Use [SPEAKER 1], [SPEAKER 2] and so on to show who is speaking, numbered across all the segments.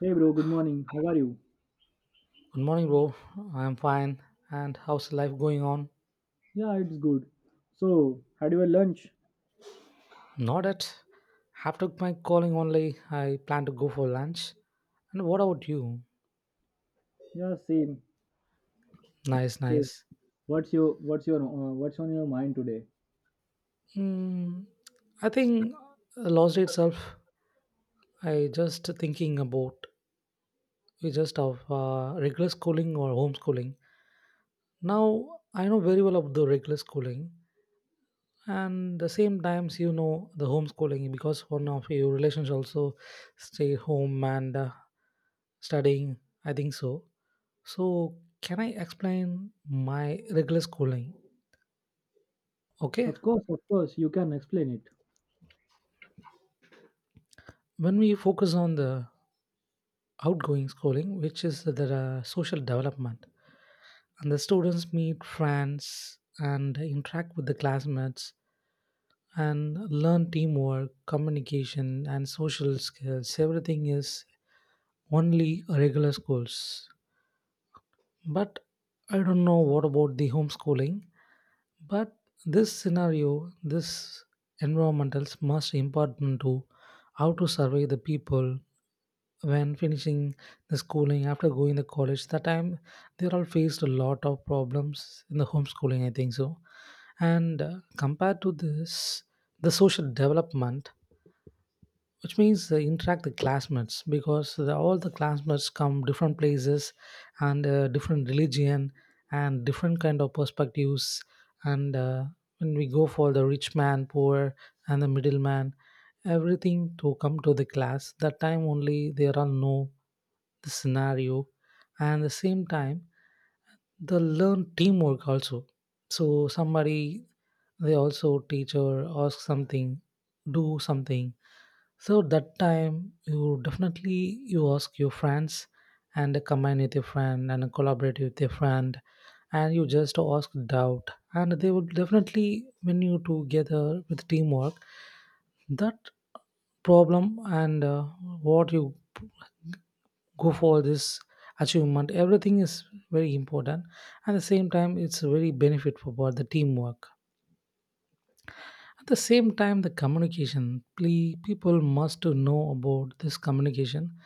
[SPEAKER 1] Hey bro, good morning. How are you?
[SPEAKER 2] Good morning, bro. I'm fine. And how's life going on?
[SPEAKER 1] Yeah, it's good. So, had your lunch?
[SPEAKER 2] Not yet. After my calling only, I plan to go for lunch. And what about you?
[SPEAKER 1] Yeah, same.
[SPEAKER 2] Nice,
[SPEAKER 1] So,
[SPEAKER 2] nice.
[SPEAKER 1] what's your what's your what's on your mind today?
[SPEAKER 2] Mm, I think lost itself. I just thinking about we just of regular schooling or homeschooling. Now I know very well of the regular schooling. And the same times you know the homeschooling because one of your relations also stay home and studying, I think so. So can I explain my regular schooling? Okay.
[SPEAKER 1] Of course, you can explain it.
[SPEAKER 2] When we focus on the outgoing schooling, which is the social development, and the students meet friends and interact with the classmates and learn teamwork communication and social skills, everything is only regular schools. But I don't know what about the homeschooling. But this scenario, this environmentals must important to how to survey the people when finishing the schooling after going to college. That time they all faced a lot of problems in the homeschooling, I think so. And compared to this, the social development, which means interact the classmates, because the, all the classmates come different places and different religion and different kind of perspectives, and when we go for the rich man poor and the middleman, everything to come to the class that time only there are no the scenario. And the same time they learn teamwork also. So somebody, they also teacher ask something, do something, so that time you definitely you ask your friends and combine with your friend and collaborate with your friend and you just ask doubt, and they will definitely when you together with teamwork, that problem, and what you p- go for this achievement, everything is very important. At the same time it's very benefit for both the teamwork. At the same time, the communication, people must to know about this communication.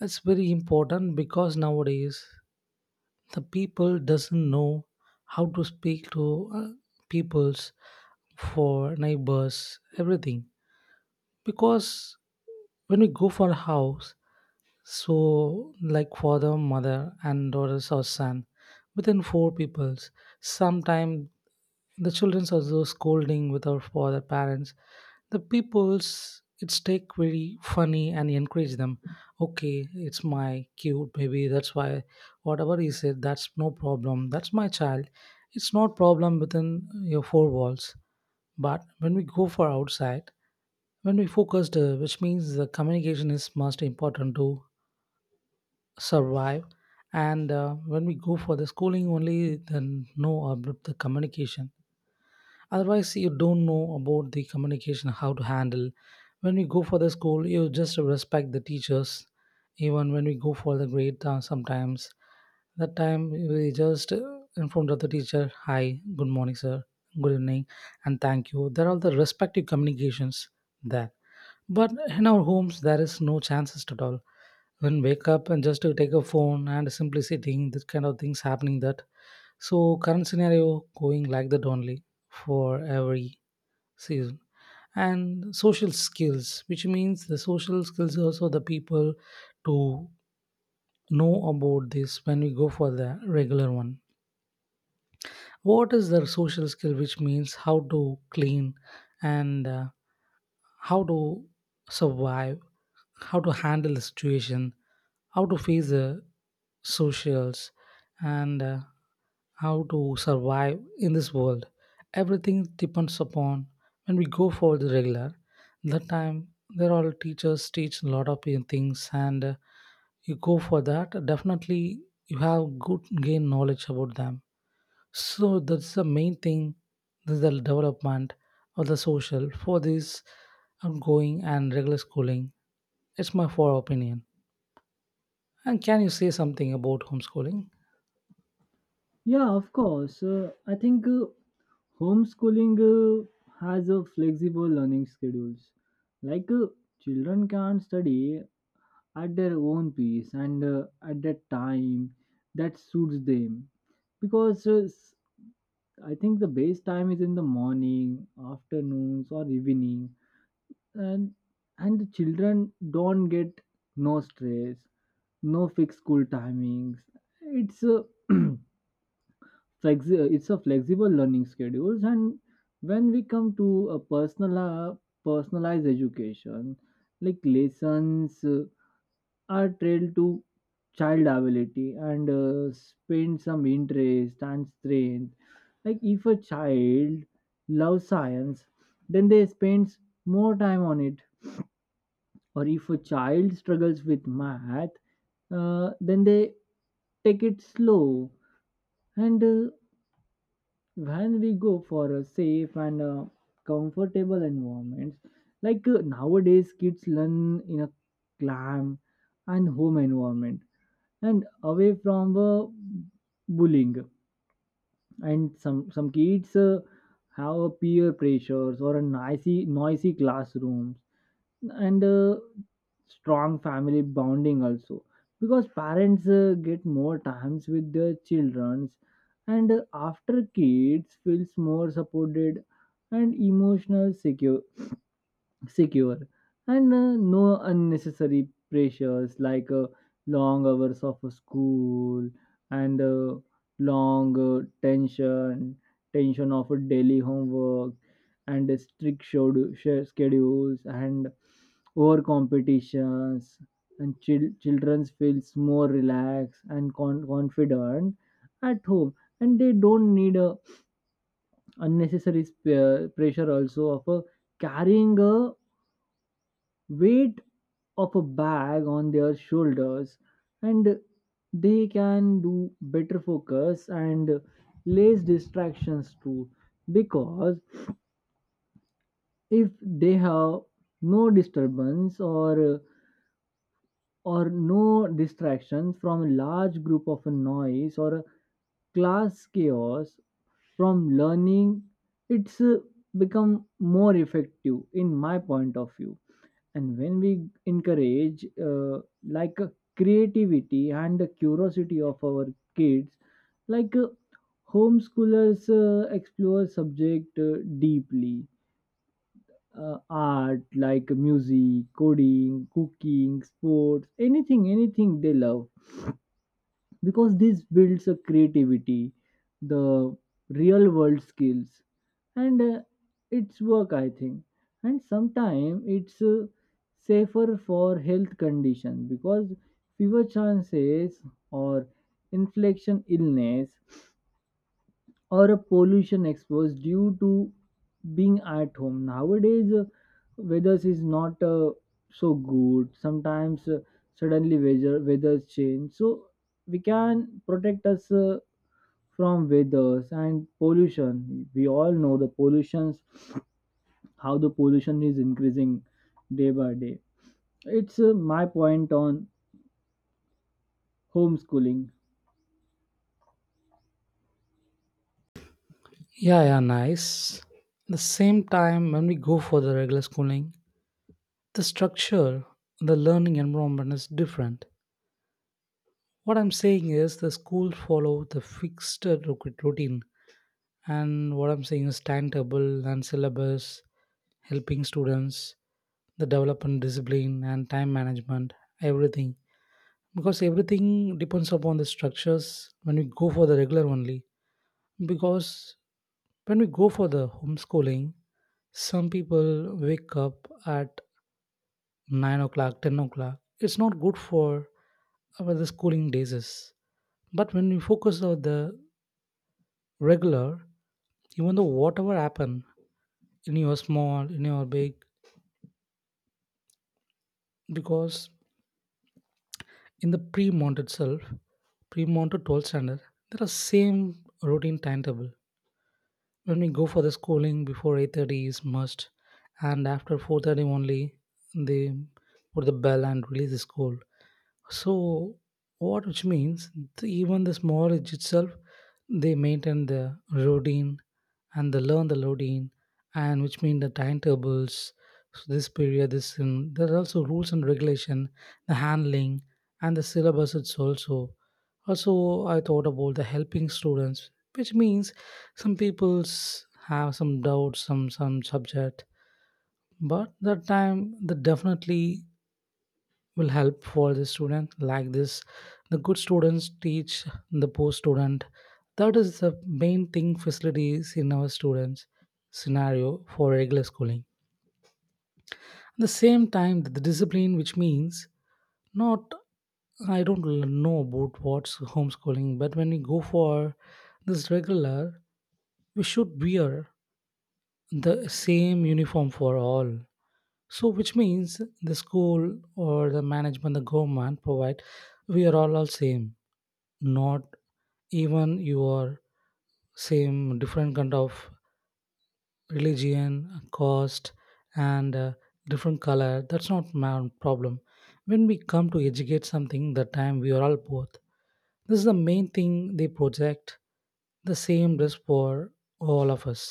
[SPEAKER 2] It's very important because nowadays the people doesn't know how to speak to peoples for neighbors, everything. Because when we go for a house, so like father, mother, and daughters or son, within four peoples, sometimes the childrens are those scolding with our father parents. The people's it's take very funny and encourage them. Okay, it's my cute baby. That's why whatever he said, that's no problem. That's my child. It's not problem within your four walls. But when we go for outside, when we focused, which means the communication is most important to survive. And when we go for the schooling only, then no about the communication, otherwise you don't know about the communication how to handle. When we go for the school, you just respect the teachers. Even when we go for the grade, sometimes that time we just in of the teacher, hi, good morning, sir, good evening, and thank you, there are the respective communications there. But in our homes there is no chances at all. When wake up and just to take a phone and simply sitting, this kind of things happening, that so current scenario going like that only for every season. And social skills, which means the social skills also the people to know about this when we go for the regular one. What is the social skill, which means how to clean and how to survive, how to handle the situation, how to face the socials, and how to survive in this world. Everything depends upon when we go for the regular. That time, there are teachers teach a lot of things, and you go for that. Definitely, you have good gain knowledge about them, so that's the main thing, this the development of the social for this ongoing and regular schooling. It's my for opinion. And can you say something about homeschooling?
[SPEAKER 1] Yeah, of course. I think homeschooling has a flexible learning schedules. Like children can study at their own pace and at that time that suits them because I think the best time is in the morning, afternoons, or evening, and and the children don't get no stress, no fixed school timings. It's a it's a flexible learning schedules, and when we come to a personal personalized education, like lessons are trailed to child ability and spend some interest and strength. Like if a child loves science, then they spend more time on it. Or if a child struggles with math, then they take it slow. And when we go for a safe and comfortable environment, like nowadays kids learn in a calm and home environment and away from bullying and some kids have a peer pressures or a noisy classrooms and strong family bonding also because parents get more times with their childrens and after kids feels more supported and emotional secure and no unnecessary pressures like long hours of school and long tension of daily homework and strict schedules and over competitions and children feels more relaxed and confident at home and they don't need a unnecessary pressure also of a carrying a weight of a bag on their shoulders and they can do better focus and less distractions too because if they have no disturbance or no distractions from a large group of a noise or a class chaos from learning it's become more effective in my point of view and when we encourage like uh, creativity and the curiosity of our kids like homeschoolers explore subject deeply art like music, coding, cooking, sports, anything they love because this builds a creativity, the real world skills, and it's work I think. And sometimes it's safer for health condition because fever chances or inflection illness or a pollution exposed due to being at home nowadays. Weathers is not so good sometimes. Suddenly weather weathers change, so we can protect us from weathers and pollution. We all know the pollutions, how the pollution is increasing day by day. It's my point on homeschooling.
[SPEAKER 2] Yeah, yeah, nice. The same time, when we go for the regular schooling, the structure, the learning environment is different. What I'm saying is the school follow the fixed routine. And what I'm saying is timetable and syllabus, helping students, the development discipline and time management, everything. Because everything depends upon the structures when we go for the regular only. Because when we go for the homeschooling, some people wake up at 9 o'clock, 10 o'clock. It's not good for our the schooling days. Is. But when we focus on the regular, even though whatever happen in your small, in your big, because in the pre-mount itself, pre-mounted 12 standard, there are same routine timetable. When we go for the schooling, before 8:30 is must, and after 4:30 only, they put the bell and release the school. So what which means the, even the small age itself, they maintain the routine and they learn the loading and which mean the timetables, so this period this, and there are also rules and regulation, the handling and the syllabus, it's also also I thought about the helping students, which means some people's have some doubts, some subject, but that time they definitely will help for the student like this, the good students teach the poor student. That is the main thing facilities in our students scenario for regular schooling. At the same time the discipline, which means not, I don't l- know about what's homeschooling, but when we go for this regular, we should wear the same uniform for all. So which means the school or the management the government provide, we are all same, not even your same different kind of religion cost, and different color, that's not my problem. When we come to educate something, the time we are all both, this is the main thing, they project the same risk for all of us.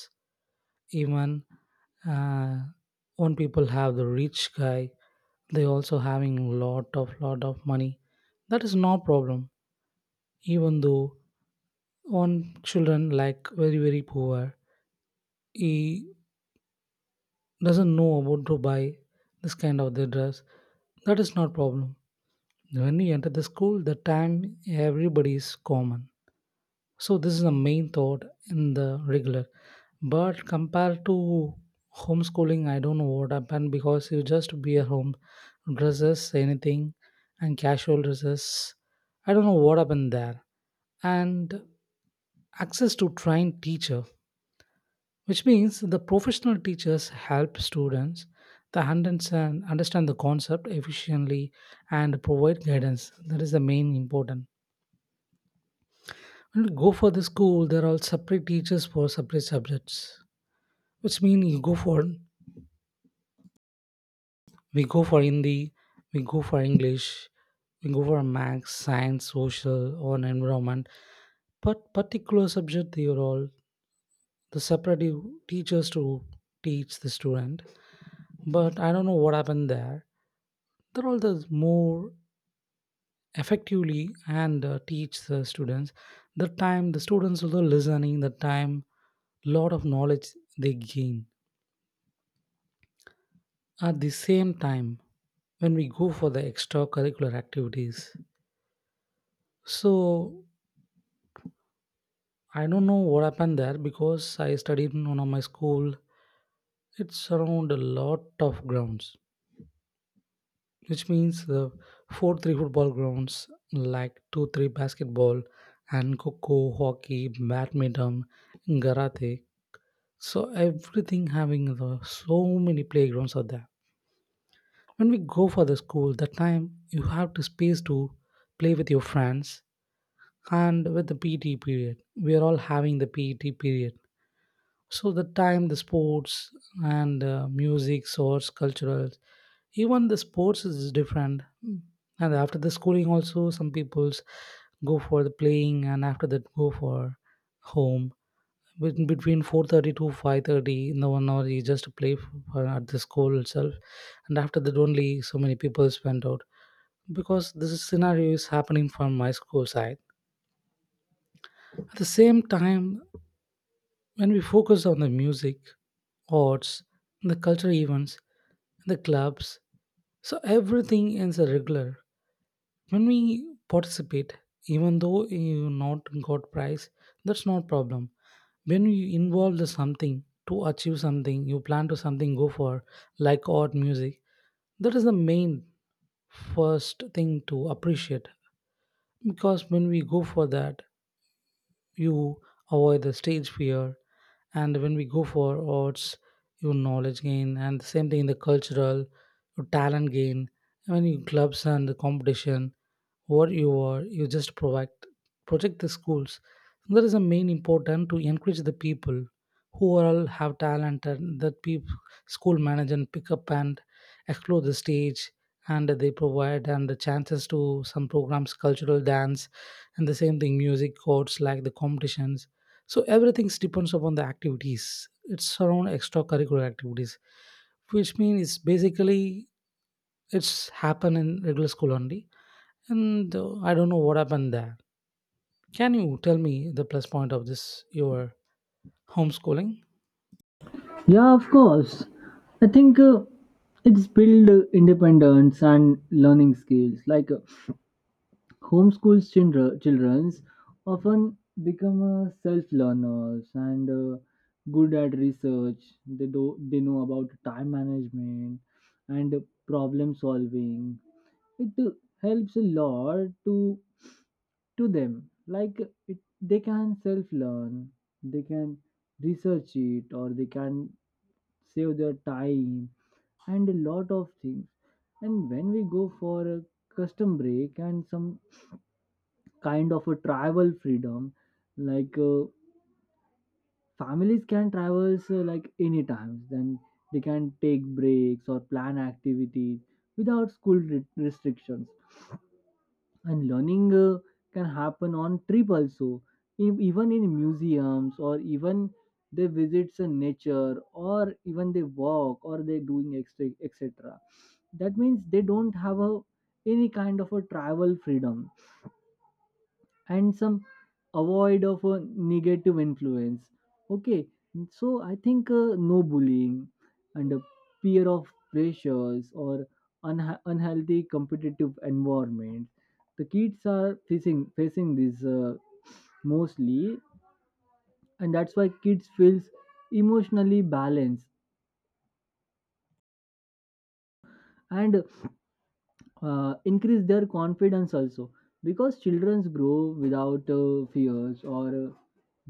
[SPEAKER 2] Even uh, one people have the rich guy, they also having lot of money, that is no problem. Even though on children like very very poor, he doesn't know about to buy this kind of the dress, that is not problem. When you enter the school the time, everybody is common. So this is the main thought in the regular. But compared to homeschooling, I don't know what happened, because you just be at home, dresses anything, and casual dresses. I don't know what happened there. And access to trained teacher, which means the professional teachers help students to understand, understand the concept efficiently and provide guidance. That is the main important. When you go for the school, there are separate teachers for separate subjects, which means you go for, we go for Hindi, we go for English, we go for maths, science, social, or environment. But particular subject, they are all the separate teachers to teach the student. But I don't know what happened there. The role does more effectively and teach the students the time, the students also listening the time, lot of knowledge they gain. At the same time when we go for the extracurricular activities, so I don't know what happened there, because I studied in one of my school, it's around a lot of grounds, which means 4, 3 football grounds, like 2, 3 basketball, and coco, hockey, badminton, karate, so everything having the, so many playgrounds are there. When we go for the school that time, you have to space to play with your friends, and with the pt period, we are all having the PET period. So the time, the sports and music, source, cultural, even the sports is different. Mm. And after the schooling, also some people's go for the playing, and after that go for home. Between 4:30 to 5:30 in the 1 hour, you just play for, at the school itself, and after that only so many people went out, because this scenario is happening from my school side. At the same time, when we focus on the music, arts, the cultural events, the clubs, so everything is a regular. When we participate, even though you not got prize, that's not problem. When you involve the something to achieve something, you plan to something go for like art, music. That is the main first thing to appreciate because when we go for that you avoid the stage fear, and when we go for arts you knowledge gain, and the same thing in the cultural your talent gain when you clubs and the competition what you are you just provide project the schools. That is the main important to encourage the people who are all have talent, and that people school manage and pick up and explore the stage, and they provide and the chances to some programs cultural dance and the same thing music courts like the competitions. So everything depends upon the activities. It's around extracurricular activities, which means it's basically it's happen in regular school only. And I don't know what happened there. Can you tell me the plus point of this your homeschooling?
[SPEAKER 1] Yeah, of course. I think it's build independence and learning skills. Like homeschool childrens often become self learners and good at research. They do they know about time management and problem solving. It helps a lot to them. Like it, they can self learn. They can research it or they can save their time and a lot of things. And when we go for a custom break and some kind of a travel freedom, like families can travel like any times, then they can take breaks or plan activities without school restrictions, and learning can happen on trip also. Even in museums or even they visits a nature or even they walk or they doing extra, etc. That means they don't have a any kind of a travel freedom and some avoid of a negative influence. Okay, so I think no bullying and a fear of pressures or unhealthy competitive environment the kids are facing this mostly, and that's why kids feels emotionally balanced and increase their confidence also because childrens grow without fears or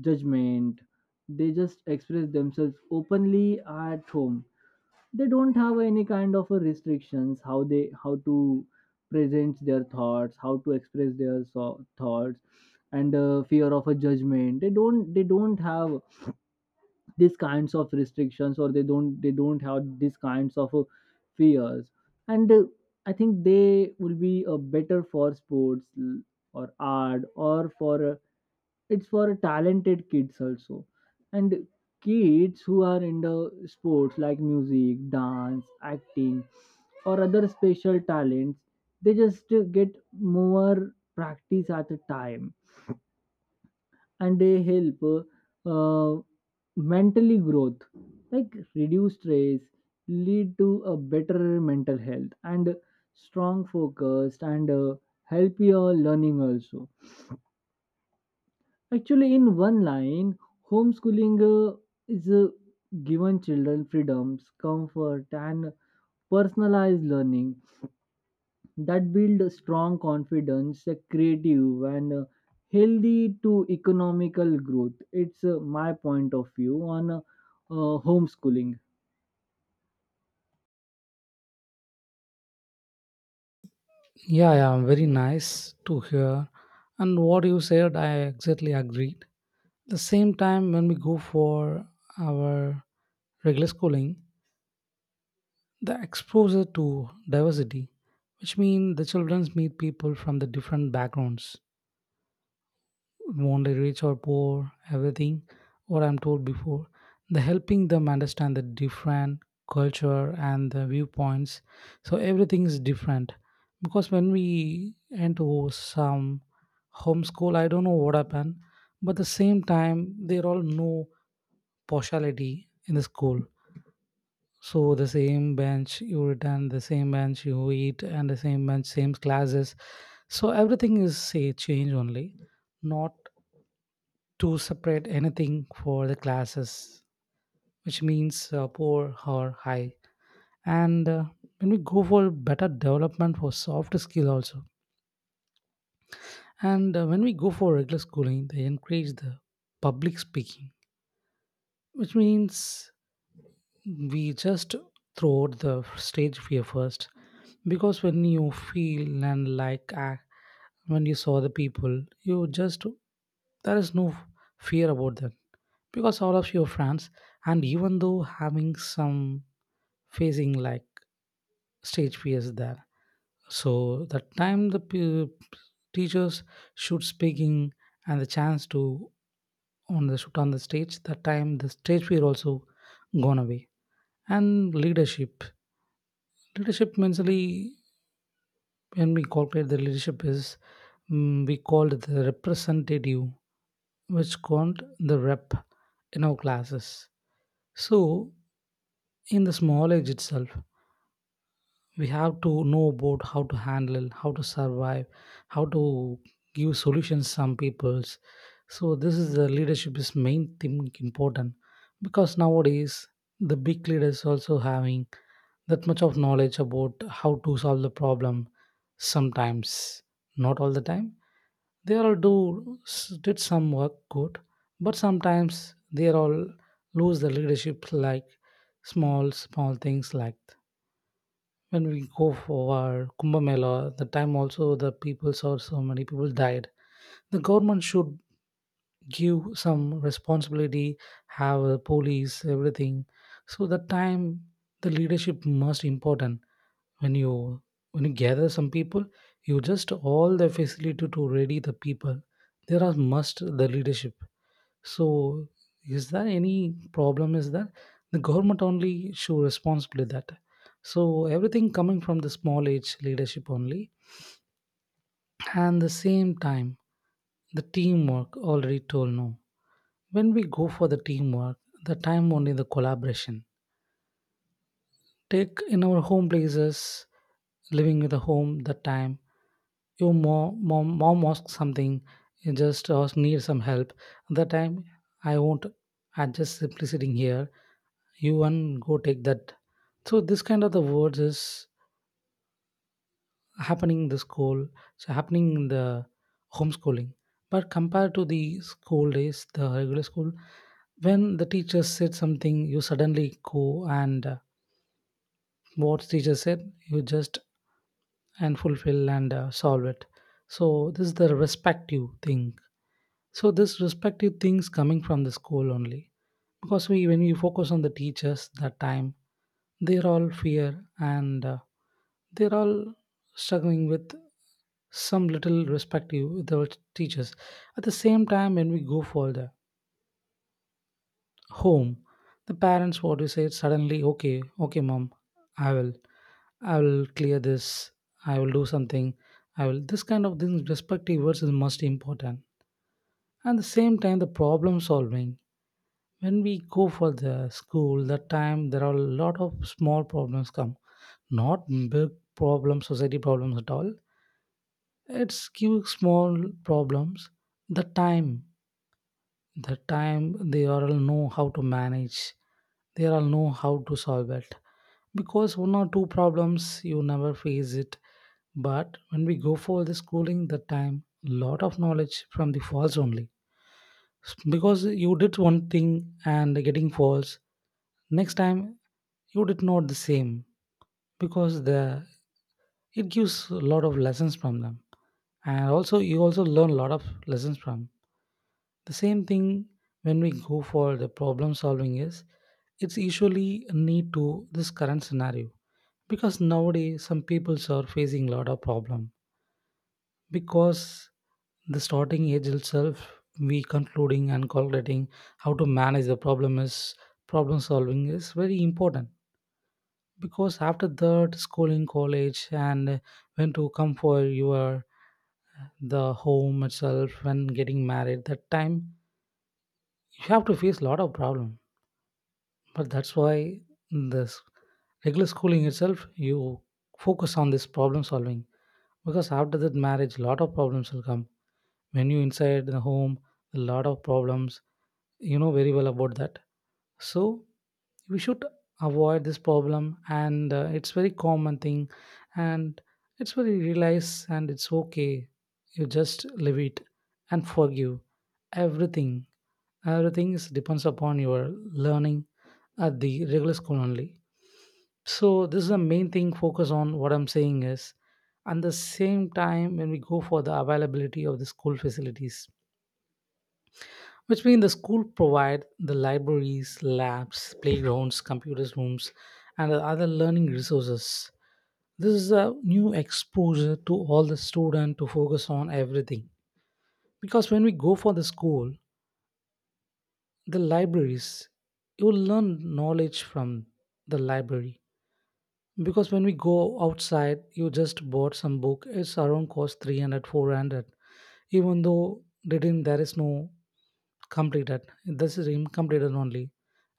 [SPEAKER 1] judgment. They just express themselves openly at home. They don't have any kind of restrictions how they how to present their thoughts, how to express their thoughts, and fear of a judgment. They don't have these kinds of restrictions, or they don't have these kinds of fears. And I think they will be better for sports, or art, or for it's for talented kids also. And kids who are in the sports like music, dance, acting, or other special talents, they just get more practice at a time, and they help uh, mentally growth like reduce stress, lead to a better mental health and strong focus, and healthier learning also. Actually, in one line, homeschooling is given children freedoms, comfort, and personalized learning that build a strong confidence, a creative, and healthy to economical growth. It's my point of view on homeschooling.
[SPEAKER 2] Yeah, yeah, very nice to hear, and what you said I exactly agreed. The same time when we go for our regular schooling, the exposure to diversity, which means the children meet people from the different backgrounds, only rich or poor, everything, what I'm told before. The helping them understand the different culture and the viewpoints. So everything is different. Because when we into some homeschool, I don't know what happened, but the same time, there all no partiality in the school, so the same bench you return, the same bench you eat, and the same bench, same classes. So everything is say change only, not to separate anything for the classes, which means poor or high. And when we go for better development for soft skill also, and when we go for regular schooling, they encourage the public speaking, which means we just throw out the stage fear first, because when you feel and like act, when you saw the people you just there is no fear about them because all of your friends, and even though having some facing like stage fears there, so that time the teachers should speaking and the chance to on the shoot on the stage, that time the stage fear also gone away. And leadership. Leadership mentally, when we calculate the leadership is, we called the representative, which called the rep in our classes. So in the small age itself, we have to know about how to handle, how to survive, how to give solutions some people's. So this is the leadership is main thing important, because nowadays the big leaders also having that much of knowledge about how to solve the problem sometimes, not all the time. They all do did some work good, but sometimes they all lose the leadership like small small things. Like when we go for Kumbh Mela, the time also the people saw so many people died. The government should give some responsibility, have a police, everything. So the time the leadership most important. When you when you gather some people, you just all the facility to ready the people. There are must the leadership. So is there any problem is that the government only show responsibly that. So everything coming from the small age leadership only. And the same time, the teamwork already told, no. When we go for the teamwork, the time only the collaboration take in our home places, living with the home, that time your mom asks something, you just ask need some help. That time I won't, I just simply sitting here, you one go take that. So this kind of the words is happening in the school, so happening in the homeschooling. But compared to the school days, the regular school, when the teacher said something you suddenly go, and what teacher said you just and fulfill and solve it. So this is the respective thing. So this respective things coming from the school only, because we when we focus on the teachers that time they're all fear, and they're all struggling with some little respective with our teachers. At the same time, when we go further home, the parents what would say suddenly, okay, okay, mom, I will, I will clear this, I will do something, I will. This kind of things, respective words is most important. At the same time, the problem solving. When we go for the school, that time there are a lot of small problems come, not big problems, society problems at all. It's cute small problems. The time the time they all know how to manage, they all know how to solve it, because one or two problems you never face it. But when we go for the schooling, that time lot of knowledge from the falls only, because you did one thing and getting falls next time you did not the same, because the it gives a lot of lessons from them, and also you also learn a lot of lessons from. The same thing when we go for the problem solving is it's usually a need to this current scenario, because nowadays some people are facing a lot of problem, because the starting age itself we concluding and calculating how to manage the problem is. Problem solving is very important, because after that schooling, college, and when to come for your the home itself, when getting married, that time you have to face a lot of problem. But that's why in this regular schooling itself you focus on this problem solving, because after that marriage lot of problems will come. When you inside the home, a lot of problems, you know very well about that. So we should avoid this problem, and it's very common thing, and it's very realize, and it's okay, you just leave it and forgive everything. Everything is depends upon your learning at the regular school only. So this is the main thing focus on what I'm saying is. And the same time when we go for the availability of the school facilities, which means the school provide the libraries, labs, playgrounds, computers rooms, and the other learning resources. This is a new exposure to all the student to focus on everything. Because when we go for the school, the libraries, you will learn knowledge from the library, because when we go outside you just bought some book it's around cost 300, 400. Even though they didn't, there is no completed, this is incompleted only.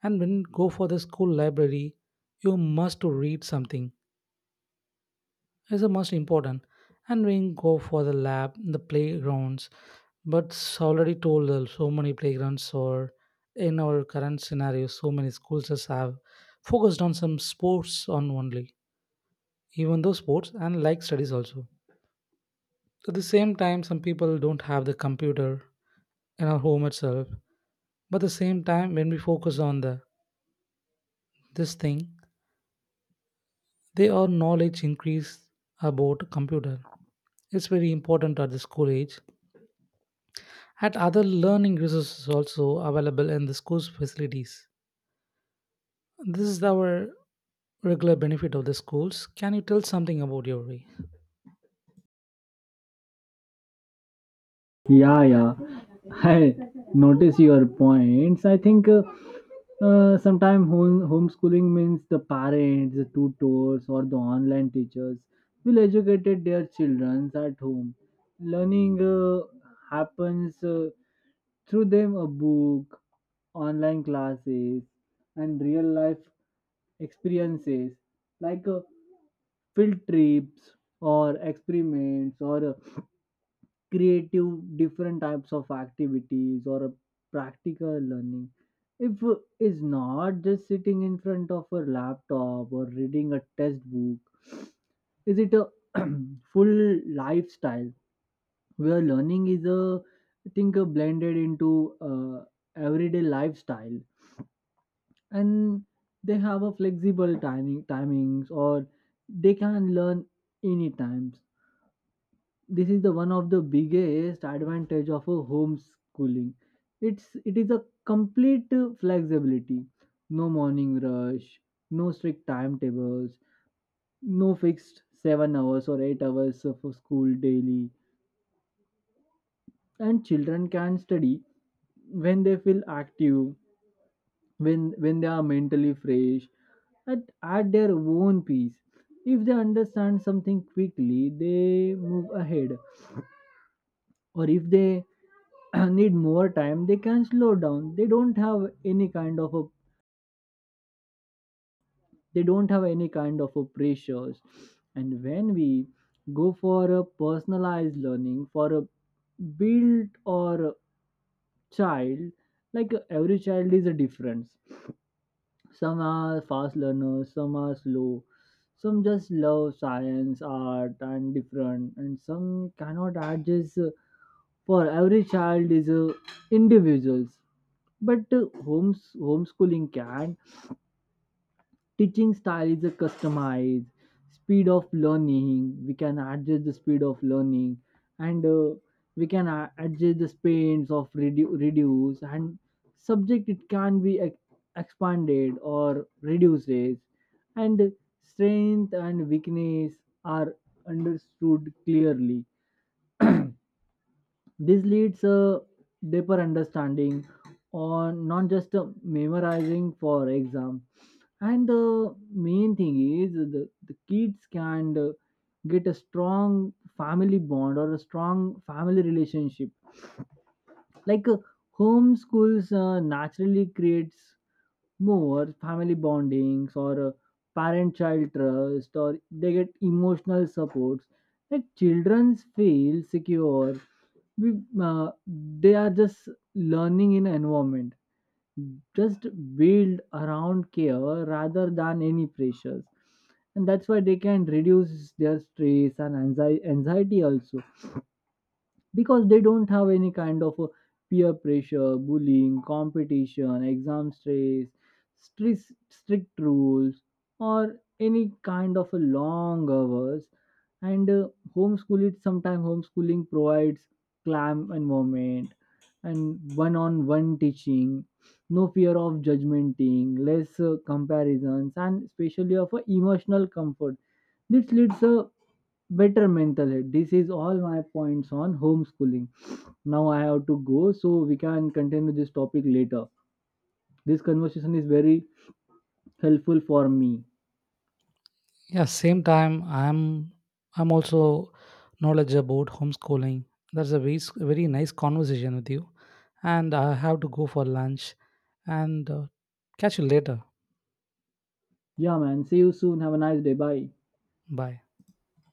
[SPEAKER 2] And when you go for the school library, you must to read something, it's the most important. And when you go for the lab, the playgrounds, but it's already told so many playgrounds, or in our current scenario so many schools just have focused on some sports on only, even though sports and like studies also. At the same time, some people don't have the computer in our home itself. But at the same time, when we focus on the this thing, they our knowledge increase about computer. It's very important at the school age. At other learning resources also available in the school's facilities. This is our regular benefit of the schools. Can you tell something about your way?
[SPEAKER 1] Yeah, yeah. I notice your points. I think sometimes homeschooling means the parents, the tutors, or the online teachers will educate their children at home. Learning happens through them: a book, online classes, and real life experiences like field trips, or experiments, or creative different types of activities, or practical learning. If is not just sitting in front of a laptop or reading a textbook, is it a full lifestyle where learning is a, I think blended into everyday lifestyle. And they have a flexible timings, or they can learn any times. This is the one of the biggest advantage of a homeschooling. It's it is a complete flexibility. No morning rush, no strict timetables, no fixed 7 hours or 8 hours of a school daily, and children can study when they feel active, when they are mentally fresh, at their own pace. If they understand something quickly, they move ahead, or if they need more time, they can slow down. They don't have any kind of a they don't have any kind of a pressures. And when we go for a personalized learning for a built or a child, like every child is a different. Some are fast learners, some are slow, some just love science, art, and different, and some cannot adjust. For every child is individuals, but homeschooling can teaching style is a customized speed of learning. We can adjust the speed of learning, and we can adjust the speeds of reduce, and subject it can be expanded or reduced, and strength and weakness are understood clearly. This leads a deeper understanding on not just memorizing for exam. And the main thing is the kids can get a strong family bond or a strong family relationship. Like homeschools naturally creates more family bondings or parent child trust, or they get emotional supports like children feel secure. we, they are just learning in environment, just build around care rather than any pressures, and that's why they can reduce their stress and anxiety also because they don't have any kind of peer pressure, bullying, competition, stress, strict rules, or any kind of a long hours. And homeschool it sometimes homeschooling provides calm environment and one-on-one teaching, no fear of judgmenting, less comparisons, and especially of a emotional comfort. This leads a better mental health. This is all my points on homeschooling. Now I have to go, so we can continue this topic later. This conversation is very helpful for me.
[SPEAKER 2] Yeah, same time I'm also knowledge about homeschooling. That's a very very nice conversation with you, and I have to go for lunch, and catch you later.
[SPEAKER 1] Yeah, man. See you soon. Have a nice day. Bye.
[SPEAKER 2] Bye.